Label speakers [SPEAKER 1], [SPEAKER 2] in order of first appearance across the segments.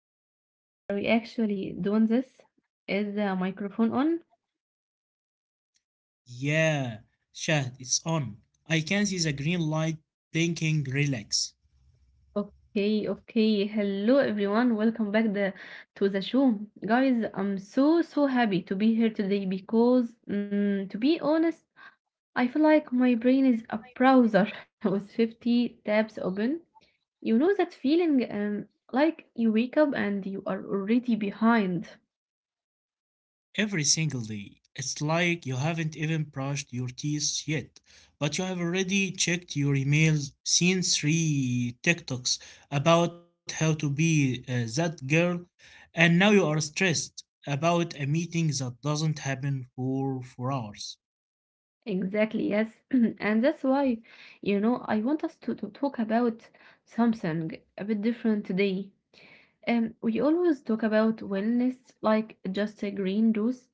[SPEAKER 1] wait. Are we actually doing this? Is the microphone on?
[SPEAKER 2] Yeah, Shahd, it's on. I can see the green light blinking, relax.
[SPEAKER 1] Okay. Hello everyone. Welcome back the to the show. Guys, I'm so happy to be here today because to be honest, I feel like my brain is a browser with 50 tabs open. You know that feeling like you wake up and you are already behind.
[SPEAKER 2] Every single day. It's like you haven't even brushed your teeth yet, but you have already checked your emails, seen three TikToks about how to be that girl, and now you are stressed about a meeting that doesn't happen for 4 hours.
[SPEAKER 1] Exactly, yes. And that's why, I want us to talk about something a bit different today. We always talk about wellness like just a green juice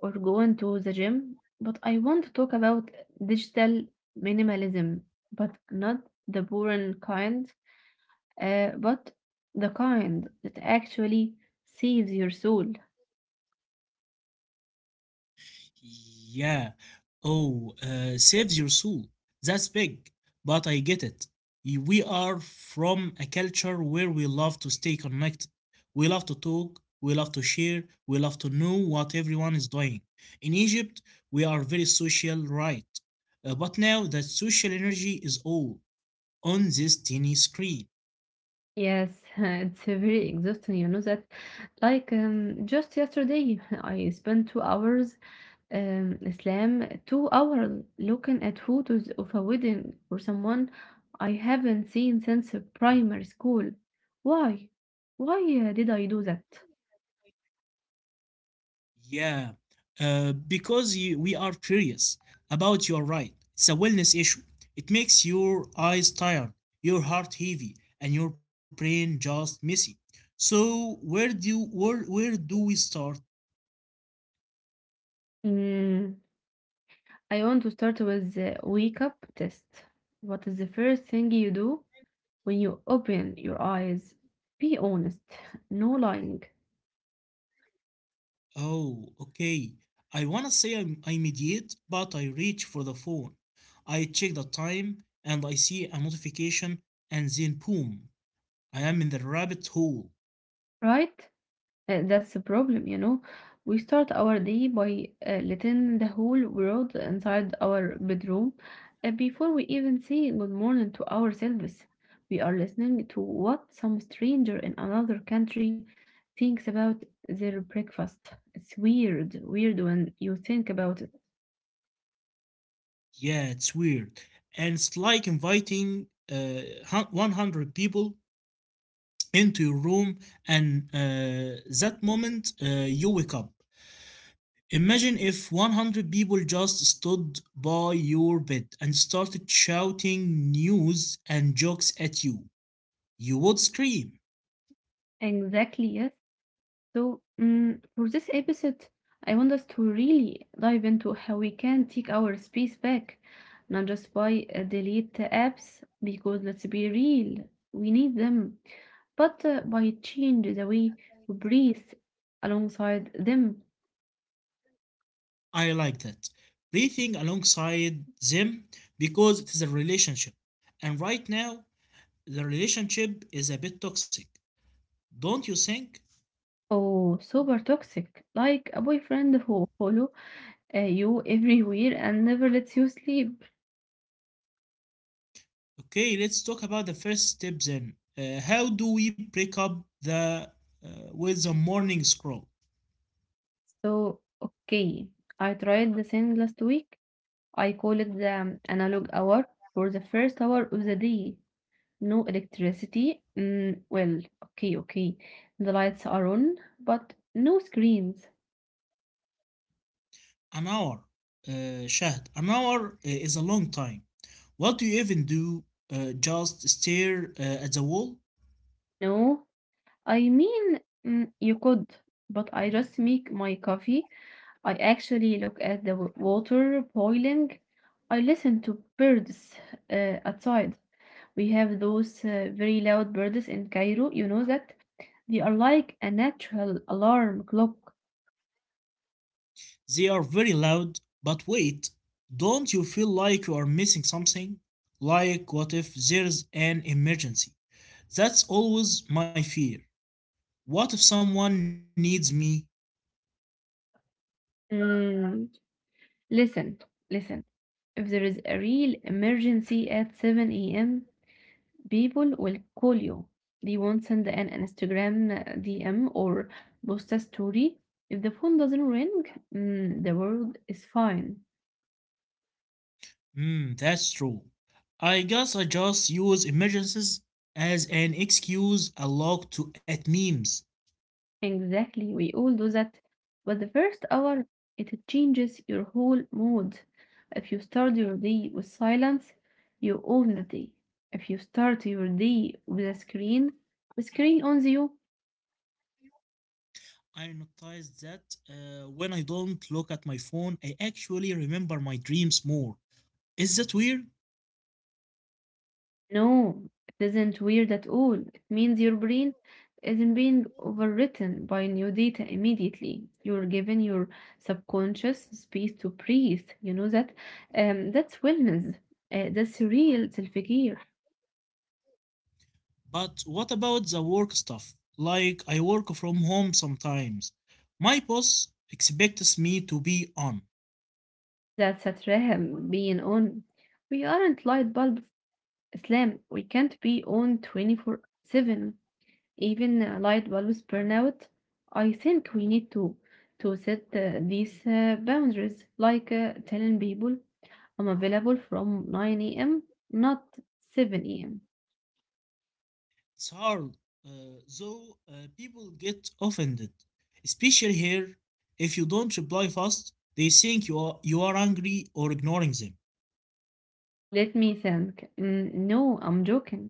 [SPEAKER 1] or going to the gym, but I want to talk about digital minimalism, but not the boring kind, but the kind that actually saves your soul.
[SPEAKER 2] Yeah. Oh, saves your soul. That's big. But I get it. We are from a culture where we love to stay connected. We love to talk. We love to share. We love to know what everyone is doing. In Egypt, we are very social, right? But now that social energy is all on this tiny screen.
[SPEAKER 1] Yes, it's very exhausting. You know that, just yesterday, I spent 2 hours, Islam, 2 hours looking at photos of a wedding for someone I haven't seen since primary school. Why? Why did I do that?
[SPEAKER 2] Yeah, because we are curious about your right. It's a wellness issue. It makes your eyes tired, your heart heavy, and your brain just messy. So where do we start?
[SPEAKER 1] Mm, I want to start with the wake up test. What is the first thing you do when you open your eyes? Be honest, no lying,
[SPEAKER 2] Oh, okay. I wanna say I mediate, but I reach for the phone. I check the time and I see a notification, and then boom, I am in the rabbit hole.
[SPEAKER 1] right? That's the problem, you know. We start our day by letting the whole world inside our bedroom before we even say good morning to ourselves. We are listening to what some stranger in another country thinks about their breakfast. It's weird when you think about it.
[SPEAKER 2] Yeah, it's weird. And it's like inviting 100 people into your room, and that moment you wake up. Imagine if 100 people just stood by your bed and started shouting news and jokes at you. You would scream.
[SPEAKER 1] Exactly, yes. So, for this episode, I want us to really dive into how we can take our space back, not just by delete the apps, because let's be real, we need them, but by change the way we breathe alongside them.
[SPEAKER 2] I like that. Breathing alongside them because it is a relationship. And right now, the relationship is a bit toxic, don't you think?
[SPEAKER 1] Oh, super toxic, like a boyfriend who follow you everywhere and never lets you sleep.
[SPEAKER 2] Okay, let's talk about the first step then. How do we break up the with the morning scroll?
[SPEAKER 1] So, okay, I tried the thing last week I call it the analog hour. For the first hour of the day, no electricity. Mm, well, okay. The lights are on, but no screens.
[SPEAKER 2] An hour, Shahd. An hour is a long time. What do you even do? Just stare at the wall?
[SPEAKER 1] No, I mean, mm, you could, but I just make my coffee. I actually look at the water boiling. I listen to birds outside. We have those very loud birds in Cairo, you know that? They are like a natural alarm clock.
[SPEAKER 2] They are very loud, but wait, don't you feel like you are missing something? Like, what if there's an emergency? That's always my fear. What if someone needs me?
[SPEAKER 1] Mm, Listen, listen. If there is a real emergency at 7 a.m., people will call you. They won't send an Instagram DM or post a story. If the phone doesn't ring, mm, the world is fine.
[SPEAKER 2] Hmm, that's true. I guess I just use emergencies as an excuse a lot to at memes.
[SPEAKER 1] Exactly, we all do that. But the first hour, it changes your whole mood. If you start your day with silence, you own the day. If you start your day with a screen, the screen owns you.
[SPEAKER 2] I noticed that when I don't look at my phone, I actually remember my dreams more. Is that weird?
[SPEAKER 1] No, it isn't weird at all. It means your brain isn't being overwritten by new data immediately. You're giving your subconscious space to breathe. You know that that's wellness. That's real self-care.
[SPEAKER 2] But what about the work stuff? Like I work from home sometimes. My boss expects me to be on.
[SPEAKER 1] That's a traham being on. We aren't light bulbs, Islam. We can't be on 24/7. Even light bulbs burn out. I think we need to set these boundaries, like telling people I'm available from 9 a.m., not 7 a.m.
[SPEAKER 2] It's hard, uh, though, people get offended, especially here. If you don't reply fast, they think you are angry or ignoring them.
[SPEAKER 1] Let me think. Mm, no, I'm joking.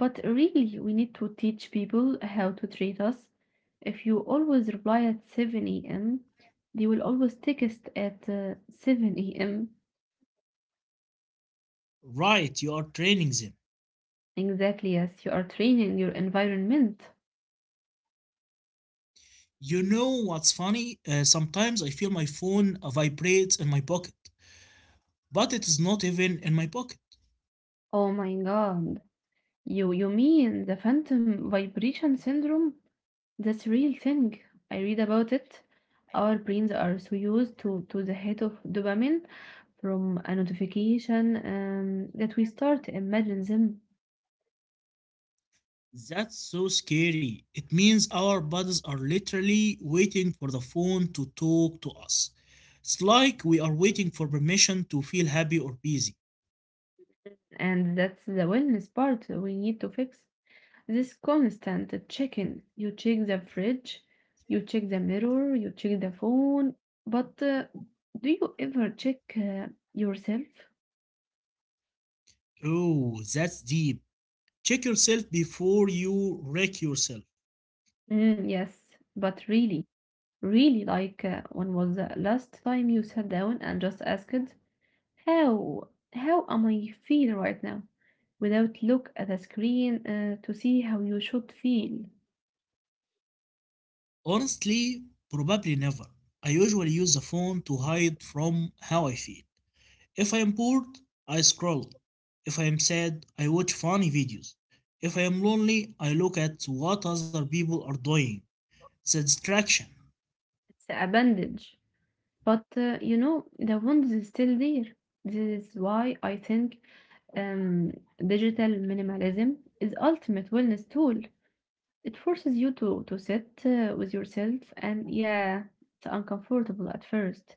[SPEAKER 1] But really, we need to teach people how to treat us. If you always reply at 7 a.m., they will always text at 7 a.m.
[SPEAKER 2] Right, you are training them.
[SPEAKER 1] Exactly, yes, you are training your environment.
[SPEAKER 2] You know what's funny? Sometimes I feel my phone vibrates in my pocket, but it is not even in my pocket.
[SPEAKER 1] Oh my god, you mean the phantom vibration syndrome? That's real thing. I read about it. Our brains are so used to the hit of dopamine from a notification that we start to imagine them.
[SPEAKER 2] That's so scary. It means our bodies are literally waiting for the phone to talk to us. It's like we are waiting for permission to feel happy or busy.
[SPEAKER 1] And that's the wellness part we need to fix. This constant checking. You check the fridge, you check the mirror, you check the phone. But do you ever check yourself?
[SPEAKER 2] Oh, that's deep. Check yourself before you wreck yourself.
[SPEAKER 1] Mm, yes, but really. Really, like, when was the last time you sat down and just asked, how am I feel right now? Without look at the screen to see how you should feel.
[SPEAKER 2] Honestly, probably never. I usually use the phone to hide from how I feel. If I am bored, I scroll. If I am sad, I watch funny videos. If I am lonely, I look at what other people are doing. It's a distraction.
[SPEAKER 1] It's a bandage. But you know, the wound is still there. This is why I think um, digital minimalism is ultimate wellness tool. It forces you to sit with yourself, and yeah, it's uncomfortable at first,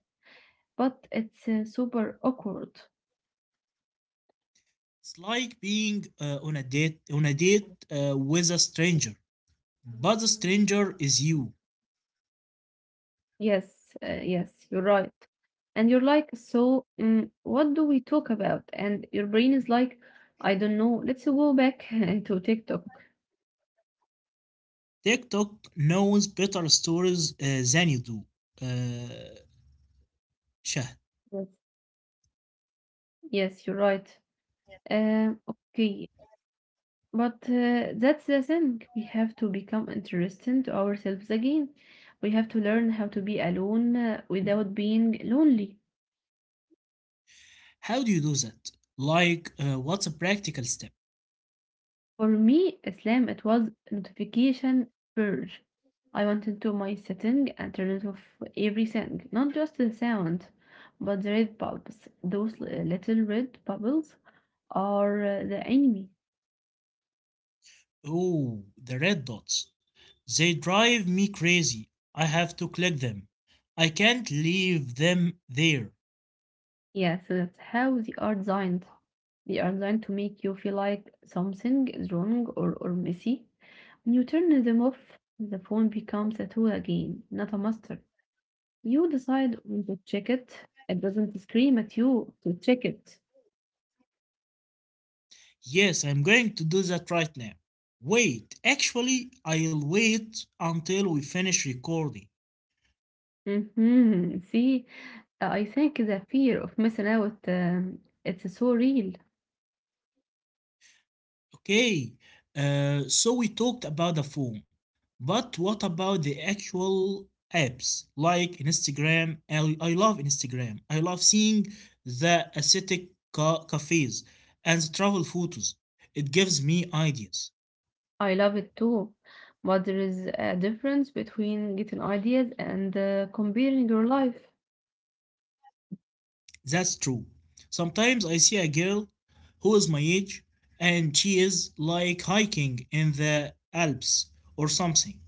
[SPEAKER 1] but it's super awkward.
[SPEAKER 2] It's like being on a date with a stranger, but the stranger is you.
[SPEAKER 1] Yes, you're right. And you're like, so what do we talk about? And your brain is like, I don't know. Let's go back to TikTok.
[SPEAKER 2] TikTok knows better stories than you do. Uh, Shahd,
[SPEAKER 1] Yes. Yes, you're right. Okay, but that's the thing. We have to become interesting to ourselves again. We have to learn how to be alone without being lonely.
[SPEAKER 2] how do you do that? Like, what's a practical step?
[SPEAKER 1] For me, Islam, it was notification purge. I went into my setting and turned off everything, not just the sound, but the red bulbs. Those little red bubbles are the enemy.
[SPEAKER 2] Oh, the red dots. They drive me crazy. I have to click them. I can't leave them there.
[SPEAKER 1] Yes, that's how they are designed. They are designed to make you feel like something is wrong or messy. When you turn them off, the phone becomes a tool again, not a master. You decide when to check it. It doesn't scream at you to check it.
[SPEAKER 2] Yes, I'm going to do that right now. Wait, actually, I'll wait until we finish recording.
[SPEAKER 1] See, I think the fear of missing out, it's so real.
[SPEAKER 2] Okay, so we talked about the phone, but what about the actual apps like Instagram? I love Instagram. I love seeing the aesthetic cafes and the travel photos. It gives me ideas.
[SPEAKER 1] I love it too. But there is a difference between getting ideas and comparing your life.
[SPEAKER 2] That's true. Sometimes I see a girl who is my age and she is like hiking in the Alps or something,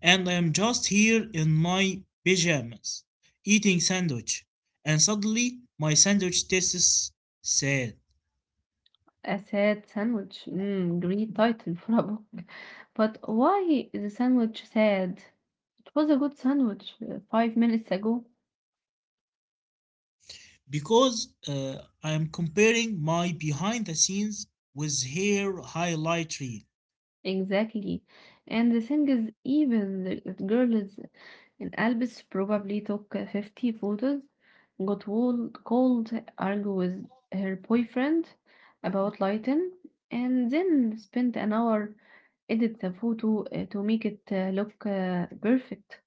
[SPEAKER 2] and I'm just here in my pajamas eating sandwich, and suddenly my sandwich tastes sad
[SPEAKER 1] A sad sandwich. Mm, great title for a book. But why the sandwich sad? It was a good sandwich 5 minutes ago.
[SPEAKER 2] because I am comparing my behind the scenes with her highlight reel.
[SPEAKER 1] Exactly. And the thing is, even that girl is in Albus probably took 50 photos, got cold, argue with her boyfriend about lighting, and then spent an hour edit the photo to make it look perfect.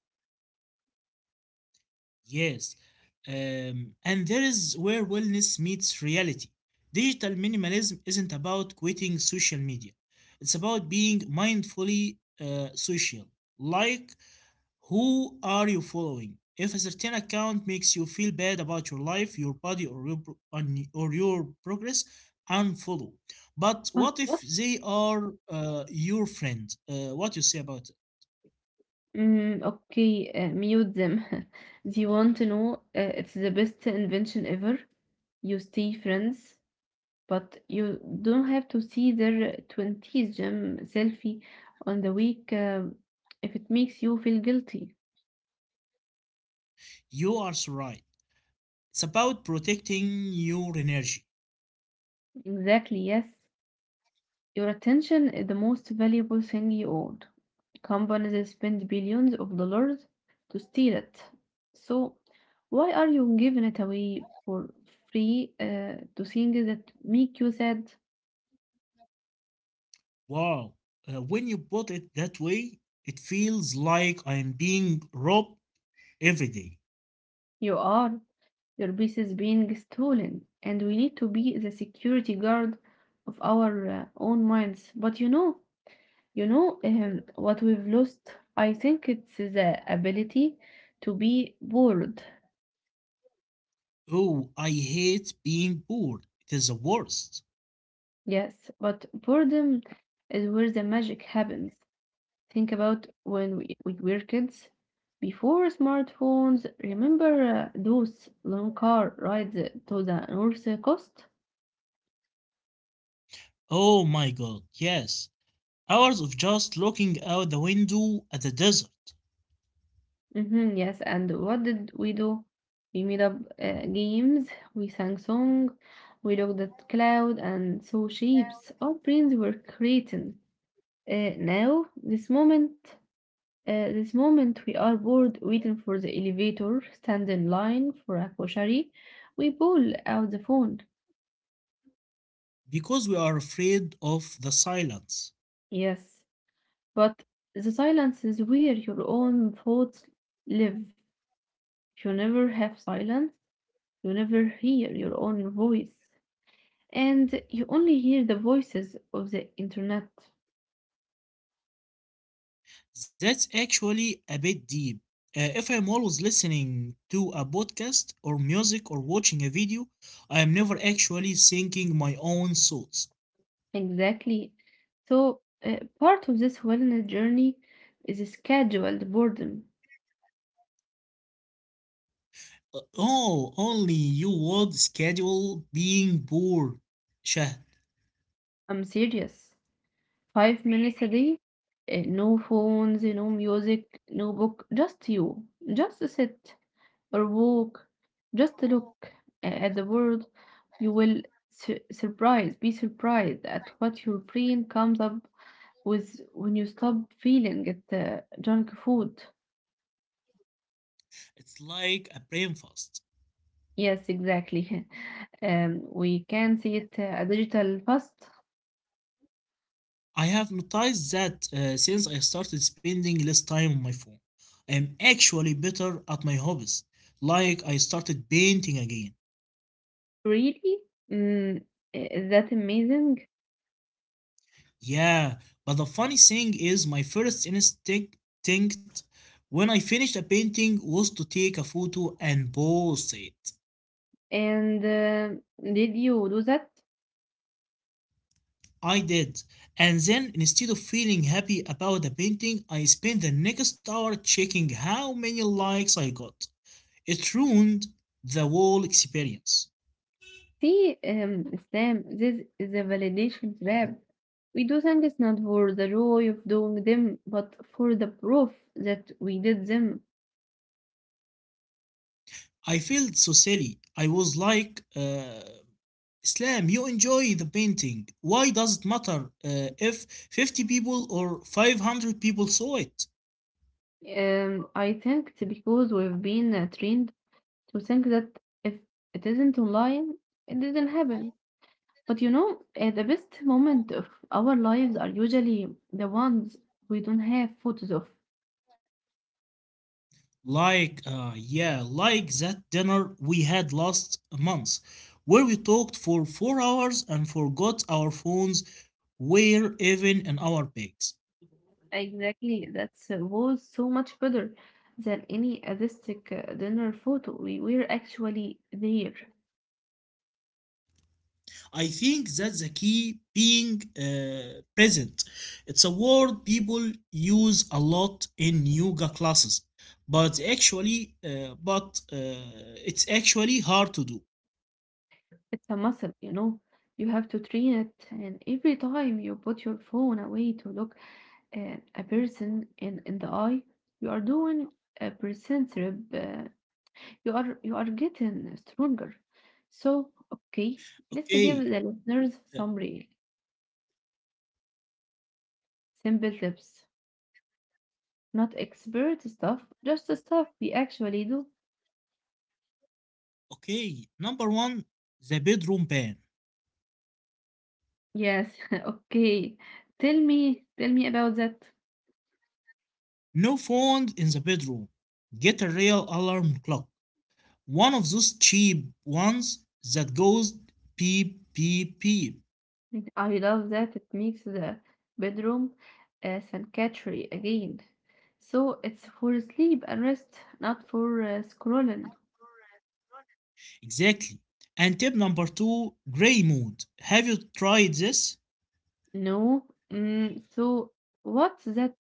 [SPEAKER 2] Yes. And there is where wellness meets reality. Digital minimalism isn't about quitting social media, it's about being mindfully social. Like, who are you following? If a certain account makes you feel bad about your life, your body, or your progress, unfollow. But what if
[SPEAKER 1] But
[SPEAKER 2] they are your friend? What you say about it?
[SPEAKER 1] Okay, mute them. Do you want to know? It's the best invention ever. You stay friends, but you don't have to see their 20s gym selfie on the week if it makes you feel guilty.
[SPEAKER 2] You are so right. It's about protecting your energy.
[SPEAKER 1] Exactly, yes. Your attention is the most valuable thing you own. Companies spend billions of dollars to steal it. So, why are you giving it away for free to things that make you sad?
[SPEAKER 2] Wow, when you put it that way, it feels like I'm being robbed every day.
[SPEAKER 1] You are. Your piece is being stolen, and we need to be the security guard of our own minds. But you know what we've lost? I think it's the ability to be bored.
[SPEAKER 2] Oh, I hate being poor. It is the worst.
[SPEAKER 1] Yes, but boredom is where the magic happens. Think about when we were kids. Before smartphones, remember those long car rides to the North Coast?
[SPEAKER 2] Oh my god, yes. Hours of just looking out the window at the desert
[SPEAKER 1] Mm-hmm, yes, and what did we do? We made up games, we sang song, we looked at cloud and saw shapes. Our brains were creating. Now, this moment we are bored waiting for the elevator, stand in line for a grocery. We pull out the phone.
[SPEAKER 2] because we are afraid of the silence.
[SPEAKER 1] Yes, but the silence is where your own thoughts live. You never have silence. You never hear your own voice. And you only hear the voices of the internet.
[SPEAKER 2] That's actually a bit deep. If I'm always listening to a podcast or music or watching a video, I am never actually thinking my own thoughts.
[SPEAKER 1] Exactly. So, part of this wellness journey is scheduled boredom.
[SPEAKER 2] Oh, only you would schedule being bored, Shahd.
[SPEAKER 1] I'm serious. 5 minutes a day, no phones, no music, no book, just you. Just sit or walk, just look at the world. You will be surprised at what your brain comes up with when you stop feeling it junk food.
[SPEAKER 2] It's like a brain fast.
[SPEAKER 1] Yes, exactly. We can see it a digital fast.
[SPEAKER 2] I have noticed that since I started spending less time on my phone, I am actually better at my hobbies. Like I started painting again.
[SPEAKER 1] Really, mm, is that amazing?
[SPEAKER 2] Yeah, but the funny thing is, my first instinct when I finished a painting was to take a photo and post it.
[SPEAKER 1] And did you do that?
[SPEAKER 2] I did. And then, instead of feeling happy about the painting, I spent the next hour checking how many likes I got. It ruined the whole experience.
[SPEAKER 1] See, Islam, this is a validation trap. We do things not for the joy of doing them, but for the proof that we did them.
[SPEAKER 2] I felt so silly. I was like, Islam, you enjoy the painting. Why does it matter if 50 people or 500 people saw it?
[SPEAKER 1] I think it's because we've been trained to think that if it isn't online, it didn't happen. But you know, the best moment of our lives are usually the ones we don't have photos of.
[SPEAKER 2] Like, yeah, like that dinner we had last month, where we talked for 4 hours and forgot our phones were even in our bags.
[SPEAKER 1] Exactly. That's was so much better than any artistic dinner photo. We were actually there.
[SPEAKER 2] I think that's the key being present. It's a word people use a lot in yoga classes, but actually, but it's actually hard to do.
[SPEAKER 1] It's a muscle, you know. You have to train it, and every time you put your phone away to look a person in the eye, you are doing a percent rep. You are getting stronger. So okay, let's give the
[SPEAKER 2] Okay,
[SPEAKER 1] listeners
[SPEAKER 2] uh,
[SPEAKER 1] some real simple tips, not expert stuff, just the stuff we actually do.
[SPEAKER 2] okay. Number one, the bedroom ban.
[SPEAKER 1] Yes. Okay. Tell me about that.
[SPEAKER 2] No phones in the bedroom. Get a real alarm clock. One of those cheap ones that goes beep, beep, beep.
[SPEAKER 1] I love that it makes the bedroom sanctuary again. So it's for sleep and rest, not for scrolling.
[SPEAKER 2] Exactly. And tip number two, gray mode. Have you tried this?
[SPEAKER 1] No. Mm, so what's that?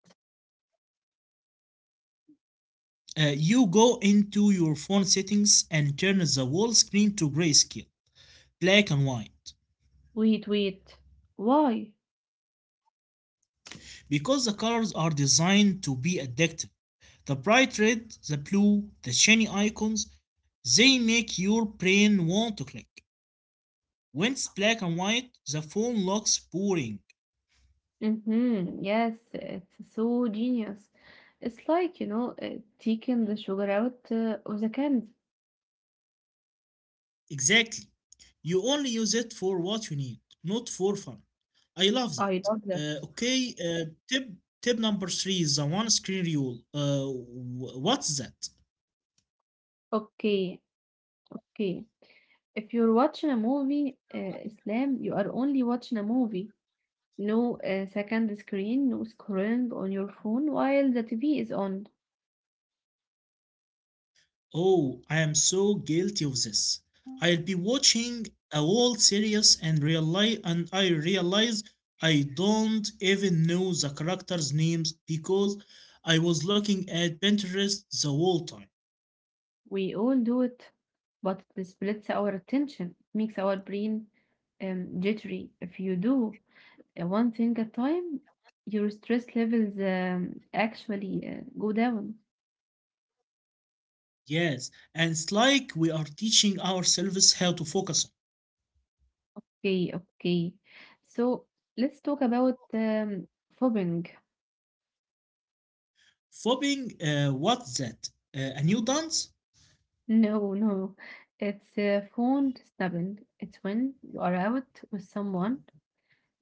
[SPEAKER 2] You go into your phone settings and turn the whole screen to grayscale, black and white.
[SPEAKER 1] Wait. Why?
[SPEAKER 2] Because the colors are designed to be addictive. The bright red, the blue, the shiny icons, they make your brain want to click. When it's black and white, the phone looks boring.
[SPEAKER 1] Mm-hmm. Yes, it's so genius. It's like, you know, taking the sugar out of the candy.
[SPEAKER 2] Exactly. You only use it for what you need, not for fun. I love
[SPEAKER 1] I
[SPEAKER 2] that.
[SPEAKER 1] love that.
[SPEAKER 2] Uh, okay, uh, tip tip number three is the one screen rule. What's that?
[SPEAKER 1] Okay, Okay. If you're watching a movie, Islam, you are only watching a movie. No second screen, no scrolling on your phone while the TV is on.
[SPEAKER 2] Oh, I am so guilty of this. I'll be watching a whole series and realize and I realize I don't even know the characters' names because I was looking at Pinterest the whole time.
[SPEAKER 1] We all do it, but it splits our attention, makes our brain jittery. If you do one thing at a time, your stress levels actually go down.
[SPEAKER 2] Yes, and it's like we are teaching ourselves how to focus on.
[SPEAKER 1] Okay, okay. So let's talk about phobing.
[SPEAKER 2] Fobbing, what's that? A new dance?
[SPEAKER 1] No, no. It's phone snubbing. It's when you are out with someone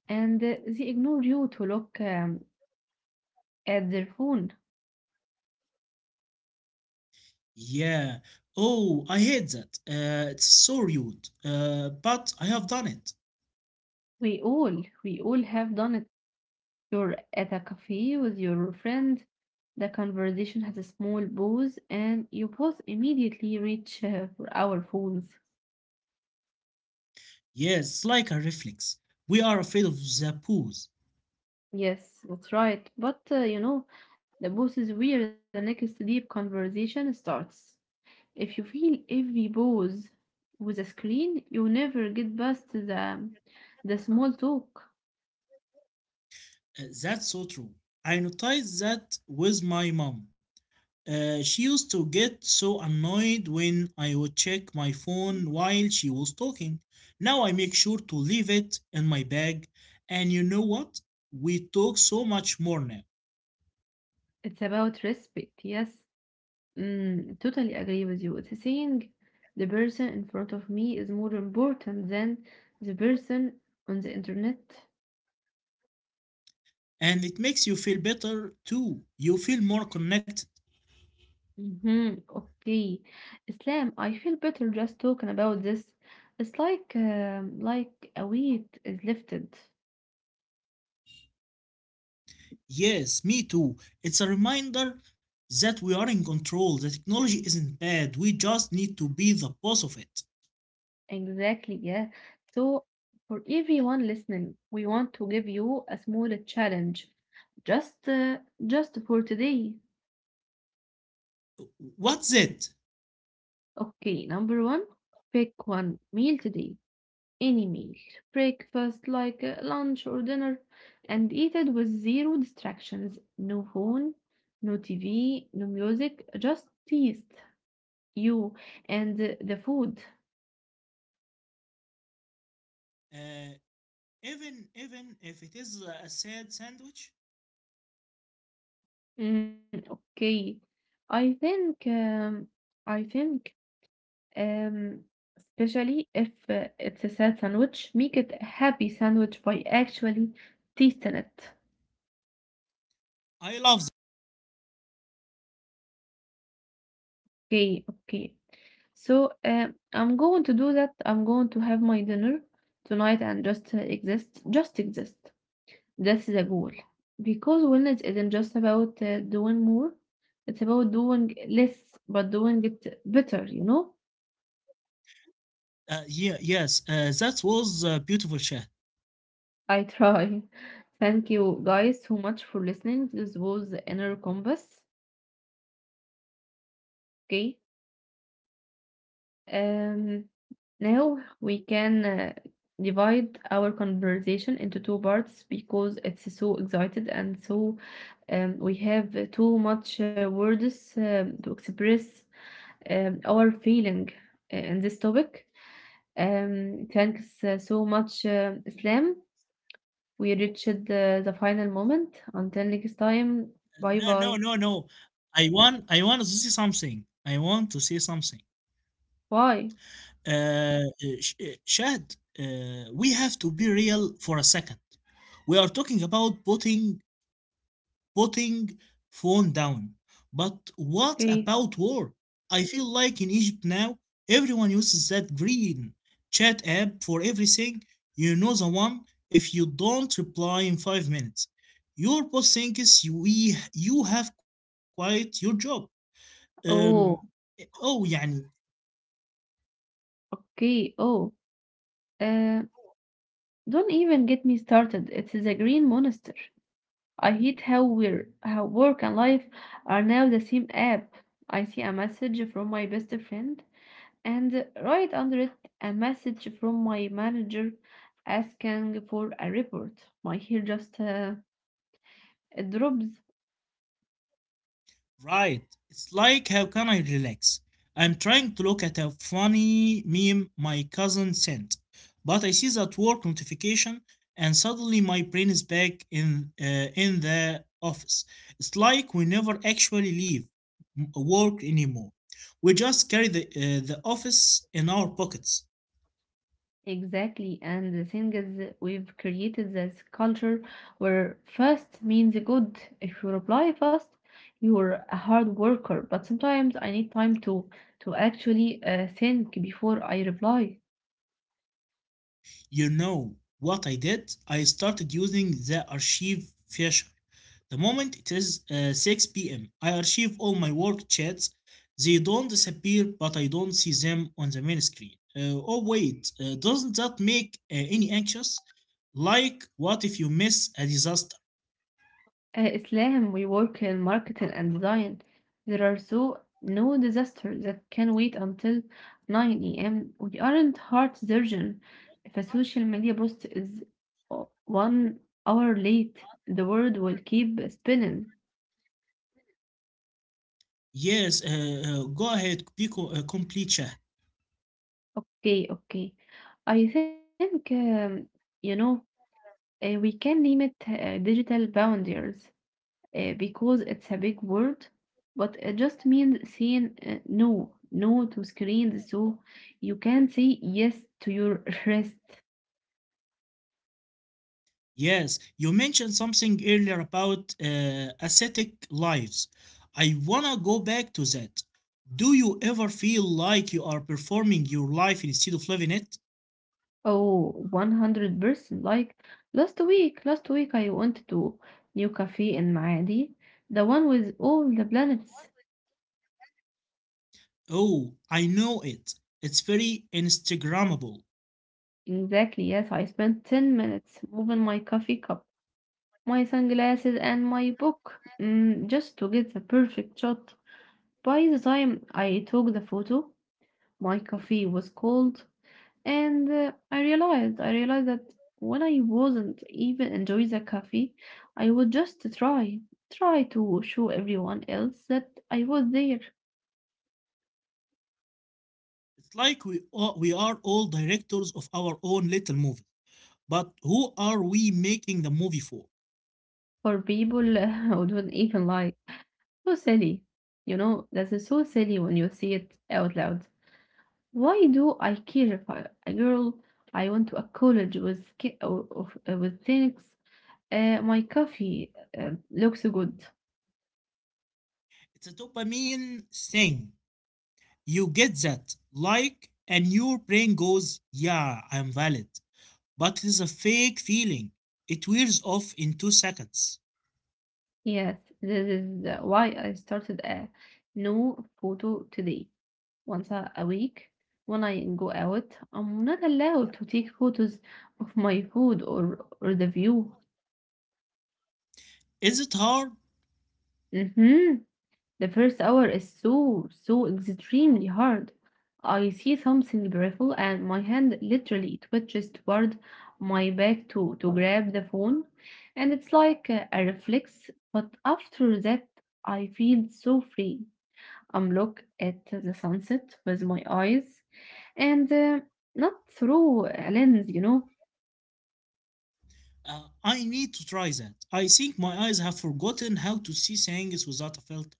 [SPEAKER 1] and they ignore you to look at their phone.
[SPEAKER 2] Yeah. Oh, I hate that. It's so rude. But I have done it.
[SPEAKER 1] We all have done it. You're at a cafe with your friend. The conversation has a small pause, and you both immediately reach for our phones.
[SPEAKER 2] Yes, like a reflex. We are afraid of the pools.
[SPEAKER 1] Yes, that's right. But the pause is where the next deep conversation starts. If you feel every pause with a screen, you never get past the small talk.
[SPEAKER 2] That's so true. I noticed that with my mom. She used to get so annoyed when I would check my phone while she was talking. Now I make sure to leave it in my bag. And you know what? We talk so much more now.
[SPEAKER 1] It's about respect. Yes, totally agree with you. It's saying the person in front of me is more important than the person on the internet.
[SPEAKER 2] And it makes you feel better too. You feel more connected.
[SPEAKER 1] Mm-hmm. Okay, Islam. I feel better just talking about this. It's like a weight is lifted.
[SPEAKER 2] Yes, me too. It's a reminder that we are in control. The technology isn't bad. We just need to be the boss of it.
[SPEAKER 1] Exactly, yeah. So, for everyone listening, we want to give you a small challenge just uh, just for today.
[SPEAKER 2] What's it?
[SPEAKER 1] Okay, number one, pick one meal today, any meal, breakfast like lunch or dinner, and eat it with zero distractions, no phone, no TV, no music, just taste you and the food.
[SPEAKER 2] Uh, even if it is a sad sandwich,
[SPEAKER 1] Mm, okay, I think I think. Um, especially if it's a sad sandwich, make it a happy sandwich by actually tasting it.
[SPEAKER 2] I love that.
[SPEAKER 1] Okay, okay. So I'm going to do that. I'm going to have my dinner tonight and just exist, just exist. That's the goal. Because wellness isn't just about doing more, it's about doing less, but doing it better, you know?
[SPEAKER 2] Yeah, yes. That was a beautiful chat.
[SPEAKER 1] I try. Thank you guys so much for listening. This was Inner Compass. Okay. Um, now we can divide our conversation into two parts because it's so excited and so we have too much words to express our feeling in this topic. Thanks so much, Islam. We reached the final moment. Until next time, bye
[SPEAKER 2] No,
[SPEAKER 1] bye.
[SPEAKER 2] no, no, no. I want to see something. I want to see something.
[SPEAKER 1] Bye.
[SPEAKER 2] Uh, uh, Shad, we have to be real for a second. We are talking about putting phone down. But what
[SPEAKER 1] Okay.
[SPEAKER 2] about work? I feel like in Egypt now, everyone uses that green chat app for everything. You know the one. If you don't reply in 5 minutes, your boss thinks you have quit your job. Um,
[SPEAKER 1] Oh,
[SPEAKER 2] oh, يعني.
[SPEAKER 1] okay. Oh. Uh, Don't even get me started. It is a green monster. I hate how we're how work and life are now the same app. I see a message from my best friend and right under it a message from my manager asking for a report. My hair just it drops.
[SPEAKER 2] Right. It's like, how can I relax? I'm trying to look at a funny meme my cousin sent, but I see that work notification and suddenly my brain is back in the office. It's like we never actually leave work anymore. We just carry the office in our pockets.
[SPEAKER 1] Exactly, and the thing is, we've created this culture where fast means good. If you reply fast, you're a hard worker. But sometimes I need time to actually think before I reply.
[SPEAKER 2] You know what I did? I started using the archive feature. The moment it is 6 p.m., I archive all my work chats. They don't disappear, but I don't see them on the main screen. Oh, wait, doesn't that make any anxious? Like, what if you miss a disaster?
[SPEAKER 1] Islam, we work in marketing and design. There are so no disaster that can wait until 9 a.m. We aren't heart surgeon. If a social media post is 1 hour late, the world will keep spinning.
[SPEAKER 2] Yes, go ahead, be complete, Shah.
[SPEAKER 1] Okay, okay. I think you know we can name it digital boundaries, because it's a big word, but it just means saying no, no to screens. So you can say yes to your rest.
[SPEAKER 2] Yes, you mentioned something earlier about ascetic lives. I wanna go back to that. Do you ever feel like you are performing your life instead of living it?
[SPEAKER 1] Oh, 100%. Like last week I went to new cafe in Maadi, the one with all the planets.
[SPEAKER 2] Oh, I know it. It's very Instagrammable.
[SPEAKER 1] Exactly, yes, I spent 10 minutes moving my coffee cup, my sunglasses, and my book just to get the perfect shot. By the time I took the photo, my coffee was cold and uh, I realized that when I wasn't even enjoying the coffee I would just try to show everyone else that I was there
[SPEAKER 2] It's like we are all directors of our own little movie. But who are we making the movie for?
[SPEAKER 1] for people who don't even like so silly, you know, that is so silly when you see it out loud. Why do I care if I, a girl I went to a college with with things my coffee looks good.
[SPEAKER 2] It's a dopamine thing. You get that, like, and your brain goes, yeah, I'm valid. But it is a fake feeling. It wears off in 2 seconds.
[SPEAKER 1] Yes, this is why I started a no photo today. Once a week, when I go out, I'm not allowed to take photos of my food or the view.
[SPEAKER 2] Is it hard?
[SPEAKER 1] hmm The first hour is so extremely hard. I see something beautiful and my hand literally twitches toward my back to grab the phone, and it's like a reflex. But after that, I feel so free and look at the sunset with my eyes and not through a lens, you know.
[SPEAKER 2] I need to try that. I think my eyes have forgotten how to see things without a filter.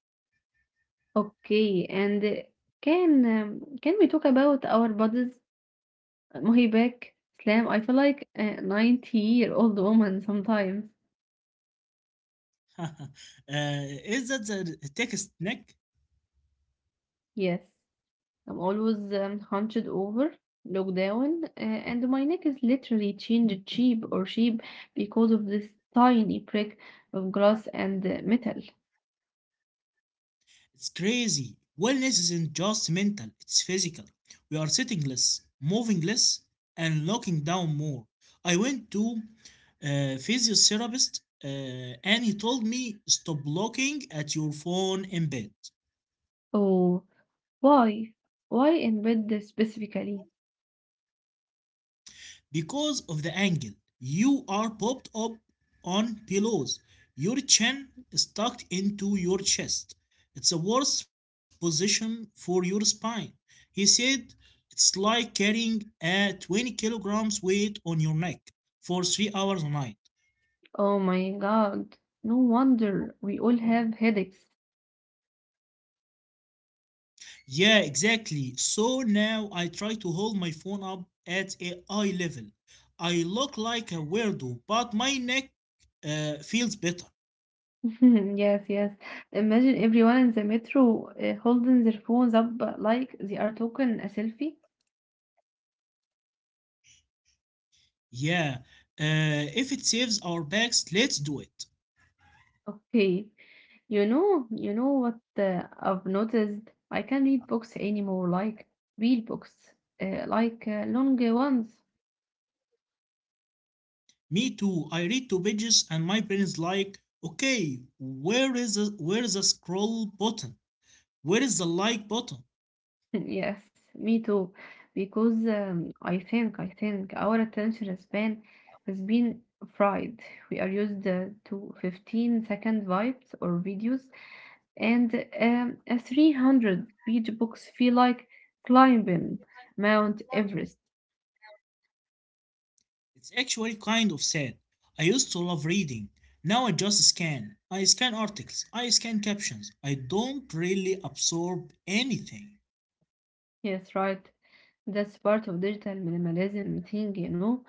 [SPEAKER 1] Okay, and can we talk about our bodies? Mahi back, Slam. I feel like a 90-year-old woman sometimes.
[SPEAKER 2] uh, is that the text neck?
[SPEAKER 1] Yes, I'm always hunched over, looked down, and my neck is literally changed cheap or sheep because of this tiny prick of glass and metal.
[SPEAKER 2] It's crazy. Wellness isn't just mental, it's physical. We are sitting less, moving less, and locking down more. I went to a physiotherapist and he told me stop looking at your phone in bed.
[SPEAKER 1] Oh, why? Why in bed specifically?
[SPEAKER 2] Because of the angle. You are popped up on pillows. Your chin is tucked into your chest. It's a worse position for your spine. He said it's like carrying a 20 kilograms weight on your neck for 3 hours a night.
[SPEAKER 1] Oh my God. No wonder we all have headaches.
[SPEAKER 2] Yeah, exactly. So now I try to hold my phone up at a eye level. I look like a weirdo, but my neck feels better.
[SPEAKER 1] Yes, yes. Imagine everyone in the metro holding their phones up like they are taking a selfie.
[SPEAKER 2] Yeah, if it saves our backs, let's do it.
[SPEAKER 1] Okay. You know what I've noticed? I can't read books anymore, like real books, long ones.
[SPEAKER 2] Me too. I read two pages and my brain is like, okay, where is the scroll button? Where is the like button?
[SPEAKER 1] Yes, me too. Because I think our attention span has been fried. We are used to 15 second vibes or videos, and a 300-page books feel like climbing Mount Everest.
[SPEAKER 2] It's actually kind of sad. I used to love reading. Now I just scan. I scan articles. I scan captions. I don't really absorb anything.
[SPEAKER 1] Yes, right. That's part of digital minimalism thing, you know.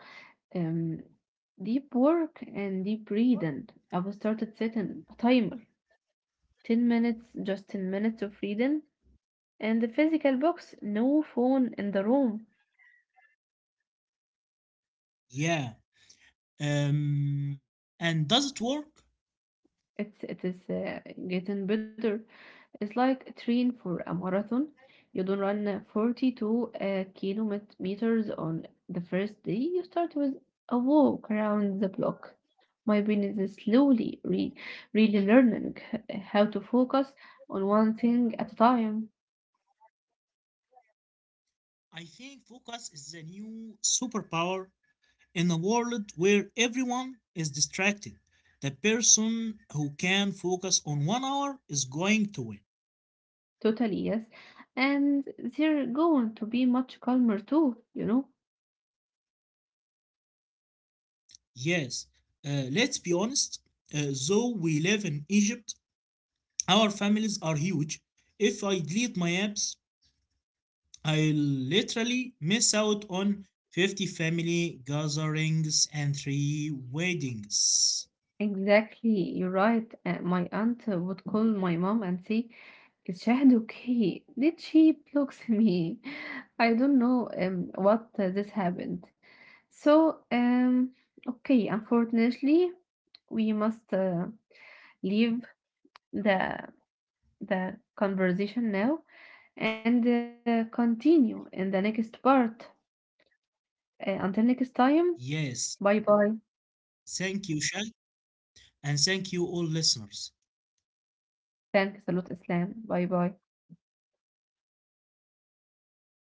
[SPEAKER 1] Um, deep work and deep reading. I've started setting a timer. 10 minutes, just 10 minutes of reading. And the physical box, no phone in the room.
[SPEAKER 2] Yeah. Um, and does it work?
[SPEAKER 1] It is getting better. It's like train for a marathon. You don't run 42 kilometers on the first day. You start with a walk around the block. My brain is slowly re really learning how to focus on one thing at a time.
[SPEAKER 2] I think focus is the new superpower in a world where everyone is distracted, the person who can focus on one hour is going to win.
[SPEAKER 1] Totally, yes. And they're going to be much calmer too, you know?
[SPEAKER 2] Yes, let's be honest, though we live in Egypt, our families are huge. If I delete my apps, I literally miss out on 50 family gatherings and three weddings.
[SPEAKER 1] Exactly, you're right. My aunt would call my mom and say, is Shahid okay? Did she blocks me? I don't know what this happened. So, okay, unfortunately, we must leave the the conversation now and continue in the next part. Until next time,
[SPEAKER 2] Yes,
[SPEAKER 1] bye bye.
[SPEAKER 2] thank you, Shal, and thank you, all listeners.
[SPEAKER 1] Thanks a lot, Islam. Bye bye.
[SPEAKER 2] Goodbye.